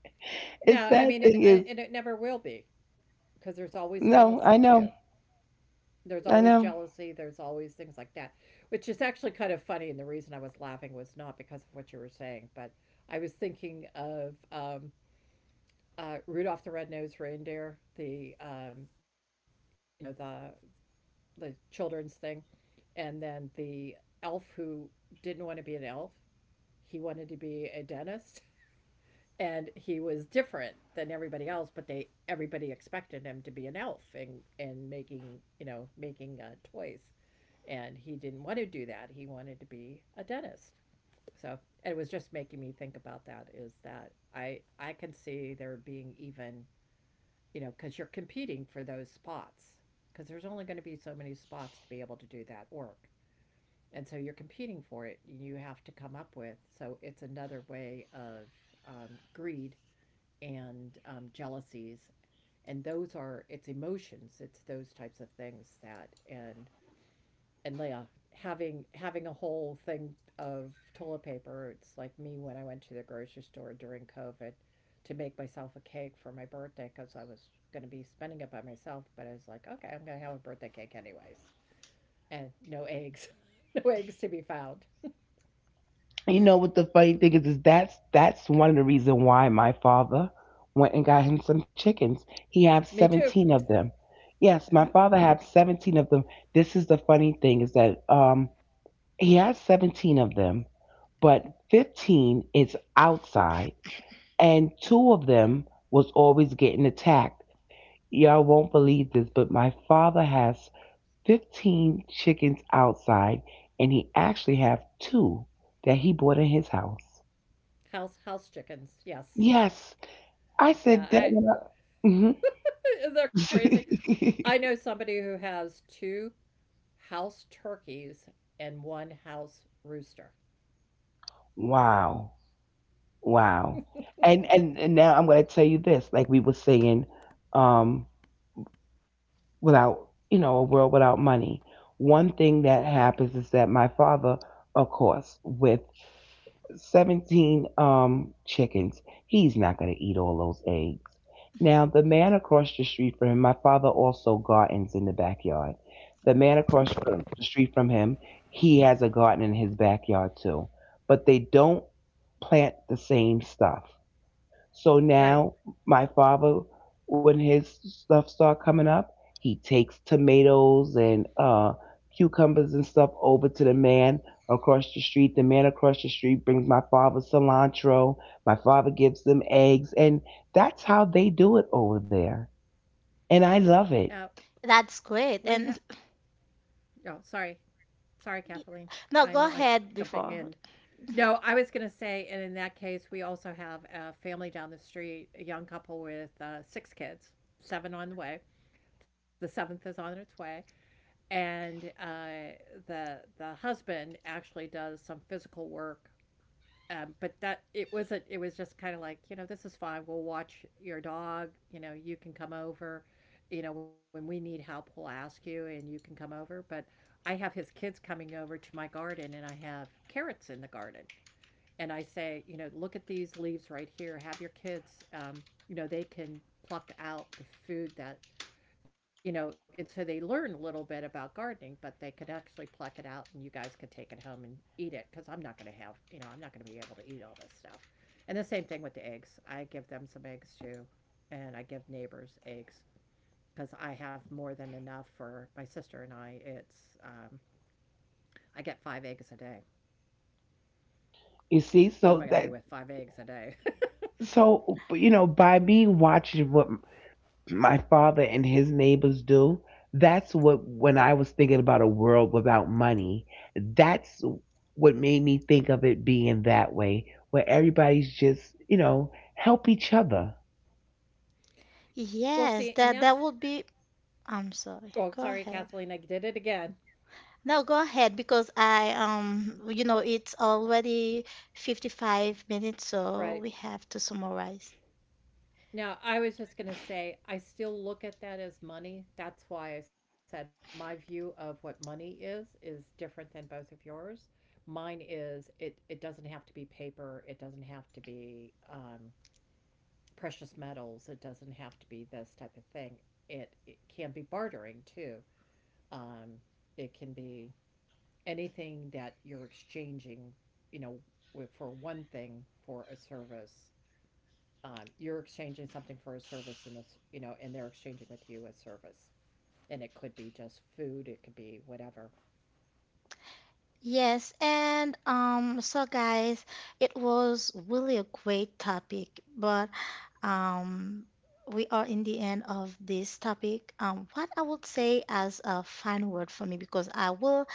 Speaker 2: It's
Speaker 3: No, I
Speaker 2: sad
Speaker 3: mean,
Speaker 2: thing is
Speaker 3: and it never will be, because
Speaker 2: no,
Speaker 3: there's
Speaker 2: I
Speaker 3: always
Speaker 2: know.
Speaker 3: jealousy too,
Speaker 2: I know.
Speaker 3: there's always jealousy, there's always things like that, which is actually kind of funny. And the reason I was laughing was not because of what you were saying, but I was thinking of Rudolph the Red-Nosed Reindeer, the, you know, the children's thing, and then the elf who didn't want to be an elf, he wanted to be a dentist. And he was different than everybody else, but they, everybody expected him to be an elf and making, you know, making toys, and he didn't want to do that. He wanted to be a dentist. So it was just making me think about that, is that I can see there being even, you know, cuz you're competing for those spots, cuz there's only going to be so many spots to be able to do that work. And so you're competing for it. You have to come up with. So it's another way of greed and jealousies, and those are, it's emotions, it's those types of things that, and yeah, having a whole thing of toilet paper. It's like me when I went to the grocery store during COVID to make myself a cake for my birthday, because I was going to be spending it by myself. But I was like, okay, I'm going to have a birthday cake anyways, and no eggs, no eggs to be found.
Speaker 2: You know what the funny thing is that's one of the reason why my father went and got him some chickens. He had
Speaker 3: Me too.
Speaker 2: 17 of them. Yes, my father had 17 of them. This is the funny thing is that he has 17 of them, but 15 is outside and two of them was always getting attacked. Y'all won't believe this, but my father has 15 chickens outside and he actually have two that he bought in his house.
Speaker 3: House, house chickens, yes,
Speaker 2: Yes. I
Speaker 3: yeah.
Speaker 2: said
Speaker 3: I
Speaker 2: that when I.
Speaker 3: isn't that
Speaker 2: Mhm.
Speaker 3: crazy? I know somebody who has two house turkeys and one house rooster.
Speaker 2: Wow. Wow. And, and now I'm gonna tell you this, like we were saying, um, without you know, a world without money. One thing that happens is that my father, of course, with 17 chickens. He's not going to eat all those eggs. Now, the man across the street from him, my father also gardens in the backyard. The man across from the street from him, he has a garden in his backyard too. But they don't plant the same stuff. So
Speaker 3: Right.
Speaker 2: now my father, when his stuff start coming up, he takes tomatoes and cucumbers and stuff over to the man across the street. The man across the street brings my father cilantro. My father gives them eggs, and that's how they do it over there. And I love
Speaker 3: Now
Speaker 2: it.
Speaker 1: That's
Speaker 3: we
Speaker 1: great.
Speaker 3: ha-
Speaker 1: And
Speaker 3: oh, sorry. Sorry,
Speaker 1: Y-
Speaker 3: Kathleen.
Speaker 1: No,
Speaker 3: I'm
Speaker 1: go
Speaker 3: like
Speaker 1: ahead
Speaker 3: jumping
Speaker 1: before.
Speaker 3: in. No, I was going to say, and in that case, we also have a family down the street, a young couple with six kids, seven on the way. The seventh is on its way, and the husband actually does some physical work, but that, it wasn't, it was just kind of like, you know, this is fine, we'll watch your dog, you know, you can come over, you know, when we need help we'll ask you and you can come over. But I have his kids coming over to my garden, and I have carrots in the garden, and I say, you know, look at these leaves right here, have your kids, you know, they can pluck out the food that, you know, and so they learn a little bit about gardening, but they could actually pluck it out and you guys could take it home and eat it, because I'm not going to have, you know, I'm not going to be able to eat all this stuff. And the same thing with the eggs. I give them some eggs too, and I give neighbors eggs, because I have more than enough for my sister and I. It's, I get five eggs a day.
Speaker 2: You see,
Speaker 3: What am
Speaker 2: so
Speaker 3: I going to do
Speaker 2: that
Speaker 3: with five eggs a day?
Speaker 2: so you know by me watching what my father and his neighbors do, that's what when I was thinking about a world without money, that's what made me think of it being that way where everybody's just you know help each other.
Speaker 3: Well,
Speaker 1: Yes,
Speaker 3: see, and
Speaker 1: that that
Speaker 3: that's,
Speaker 1: would be. I'm sorry.
Speaker 3: oh,
Speaker 1: Go
Speaker 3: sorry,
Speaker 1: ahead.
Speaker 3: Kathleen, I did it again.
Speaker 1: No, go ahead because I you know it's already 55 minutes, so
Speaker 3: Right.
Speaker 1: we have to summarize.
Speaker 3: Now, I was just going to say, I still look at that as money. That's why I said my view of what money is different than both of yours. Mine is, it doesn't have to be paper, it doesn't have to be precious metals, it doesn't have to be this type of thing. It can be bartering too. Um, it can be anything that you're exchanging, you know, with, for one thing for a service, you're exchanging something for a service in this, you know, and they're exchanging with you a service, and it could be just food, it could be whatever.
Speaker 1: Yes, and so guys, it was really a great topic, but um, we are in the end of this topic. What I would say as a final word for me, because I will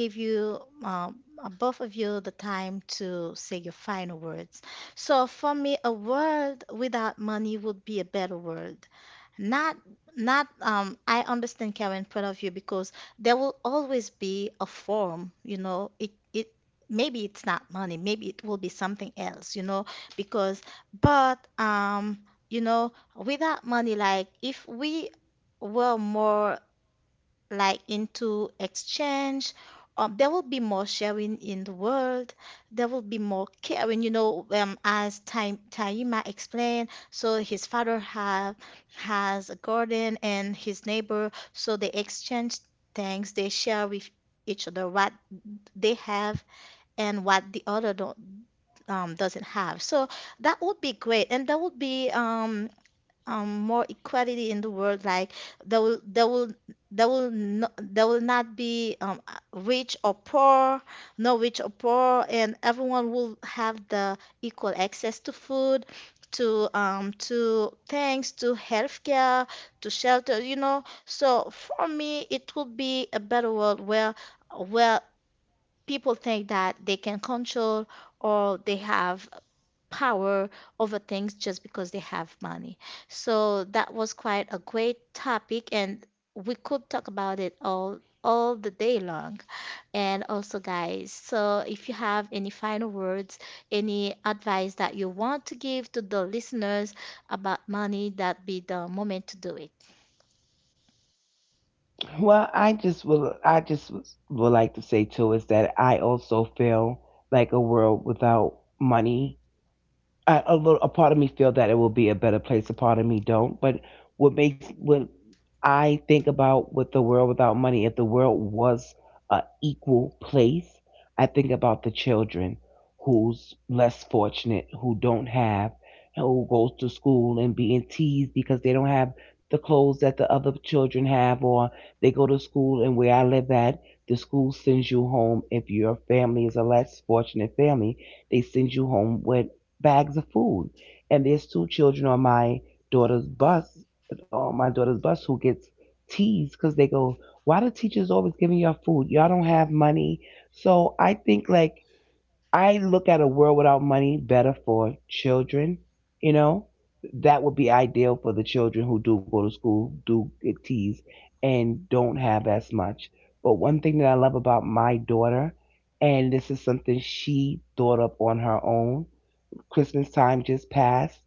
Speaker 1: give you both of you the time to say your final words. So for me, a word without money would be a better word, not, not, I understand Karen point of view because there will always be a form, you know, maybe it's not money, maybe it will be something else, you know, because, but, you know, without money, like if we were more like into exchange. There will be more sharing in the world. There will be more caring, you know, as Taima explained. So his father have has a garden and his neighbor, so they exchange things. They share with each other what they have and what the other don't, doesn't have. So that would be great, and that would be more equality in the world. Like there will there will there will no, there will not be rich or poor, no rich or poor, and everyone will have the equal access to food, to things, to healthcare, to shelter. You know, so for me, it will be a better world where where people think that they can control or they have power over things just because they have money. So that was quite a great topic, and we could talk about it all the day long. And also, guys, so if you have any final words, any advice that you want to give to the listeners about money, that be the moment to do it.
Speaker 2: Well, I just would like to say too is that I also feel like a world without money, I, a little, a part of me feel that it will be a better place. A part of me don't. But what makes what I think about with the world without money, if the world was a equal place, I think about the children who's less fortunate, who don't have, who goes to school and being teased because they don't have the clothes that the other children have, or they go to school and where I live at, the school sends you home if your family is a less fortunate family, they send you home with bags of food. And there's two children on daughter's bus, my daughter's bus, who gets teased because they go, "Why do teachers always giving y'all food? Y'all don't have money." So I think like I look at a world without money better for children. You know, that would be ideal for the children who do go to school, do get teased, and don't have as much. But one thing that I love about my daughter, and this is something she thought up on her own Christmas time just passed.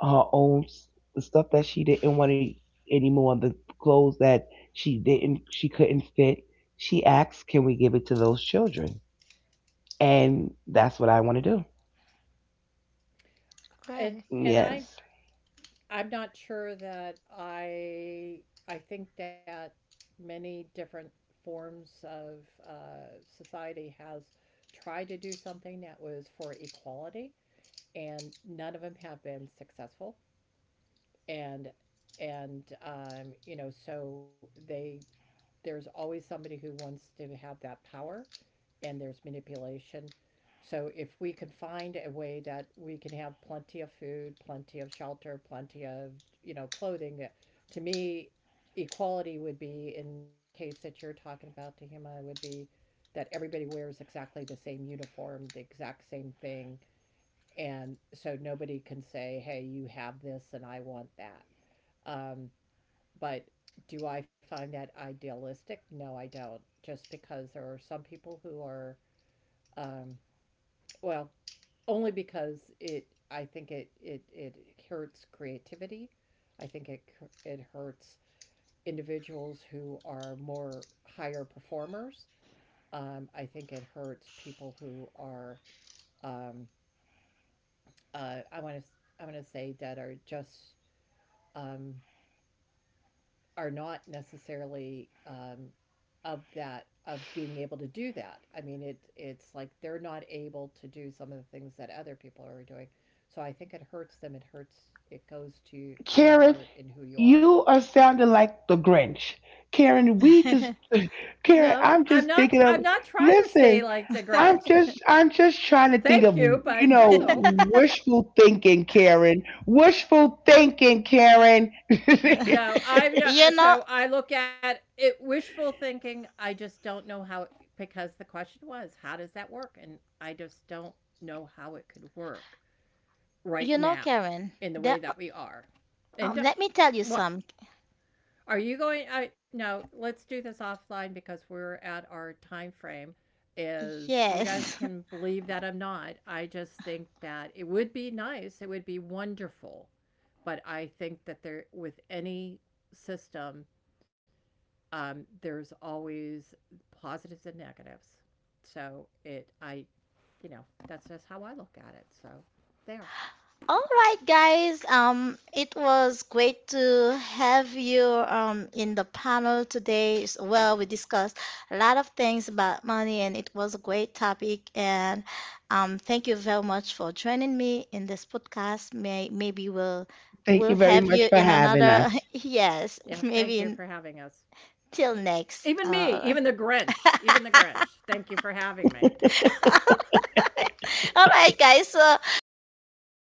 Speaker 2: Her own s- the stuff that she didn't want to anymore, the clothes that she couldn't fit. She asked, "Can we give it to those children?" And that's what I want to do.
Speaker 3: And
Speaker 1: Right.
Speaker 3: and i
Speaker 2: Yes,
Speaker 3: I'm not sure that I think that many different forms of society has tried to do something that was for equality, and none of them have been successful. And and you know, so they, there's always somebody who wants to have that power, and there's manipulation. So if we can find a way that we can have plenty of food, plenty of shelter, plenty of, you know, clothing, to me, equality would be, in the case that you're talking about, Tahima, would be that everybody wears exactly the same uniform, the exact same thing, and so nobody can say, "Hey, you have this, and I want that." Um, but do I find that idealistic? No, I don't. Just because there are some people who are, um, well, only because it, it hurts creativity. I think it, it hurts individuals who are more higher performers. I think it hurts people who are, um, uh, I want to, I want to say that are just um, are not necessarily of that of being able to do that. I mean, it, it's like they're not able to do some of the things that other people are doing. So I think it hurts them. It hurts. It goes to your
Speaker 2: Karen.
Speaker 3: heart and who you are.
Speaker 2: You are sounding like the Grinch. Karen, we just Karen,
Speaker 3: No,
Speaker 2: I'm
Speaker 3: I'm
Speaker 2: just
Speaker 3: not.
Speaker 2: thinking
Speaker 3: I'm
Speaker 2: of
Speaker 3: not gonna stay
Speaker 2: listen,
Speaker 3: like the
Speaker 2: I'm
Speaker 3: Grinch.
Speaker 2: just I'm just trying to think
Speaker 3: Thank
Speaker 2: of
Speaker 3: you, but
Speaker 2: you know
Speaker 3: no,
Speaker 2: wishful thinking, Karen. Wishful thinking, Karen.
Speaker 3: no. I'm yeah,
Speaker 1: You know,
Speaker 3: so I look at it wishful thinking. I just don't know how it, because the question was how does that work, and I just don't know how it could work. Right
Speaker 1: you know,
Speaker 3: now,
Speaker 1: Karen,
Speaker 3: in the way
Speaker 1: that
Speaker 3: that we are. And do-
Speaker 1: let me tell you
Speaker 3: what
Speaker 1: some.
Speaker 3: are you going? I, no, let's do this offline because we're at our time frame. Is, you guys
Speaker 1: Yes.
Speaker 3: can believe that I'm not. I just think that it would be nice. It would be wonderful, but I think that there with any system, there's always positives and negatives. So it, I, you know, that's just how I look at it. So there.
Speaker 1: All right, guys. It was great to have you in the panel today. S- Well, we discussed a lot of things about money, and it was a great topic. And thank you very much for joining me in this podcast. Maybe we'll
Speaker 2: Thank
Speaker 1: we'll
Speaker 2: you very
Speaker 1: have
Speaker 2: much
Speaker 1: you
Speaker 2: for
Speaker 1: in
Speaker 2: having
Speaker 1: another.
Speaker 2: us.
Speaker 1: Yes,
Speaker 3: Yeah. Thank
Speaker 1: maybe
Speaker 3: you
Speaker 1: in
Speaker 3: for having us.
Speaker 1: till next.
Speaker 3: Even me, even the Grinch, even the Grinch. Thank you for having me.
Speaker 1: All right, guys. So I'm gonna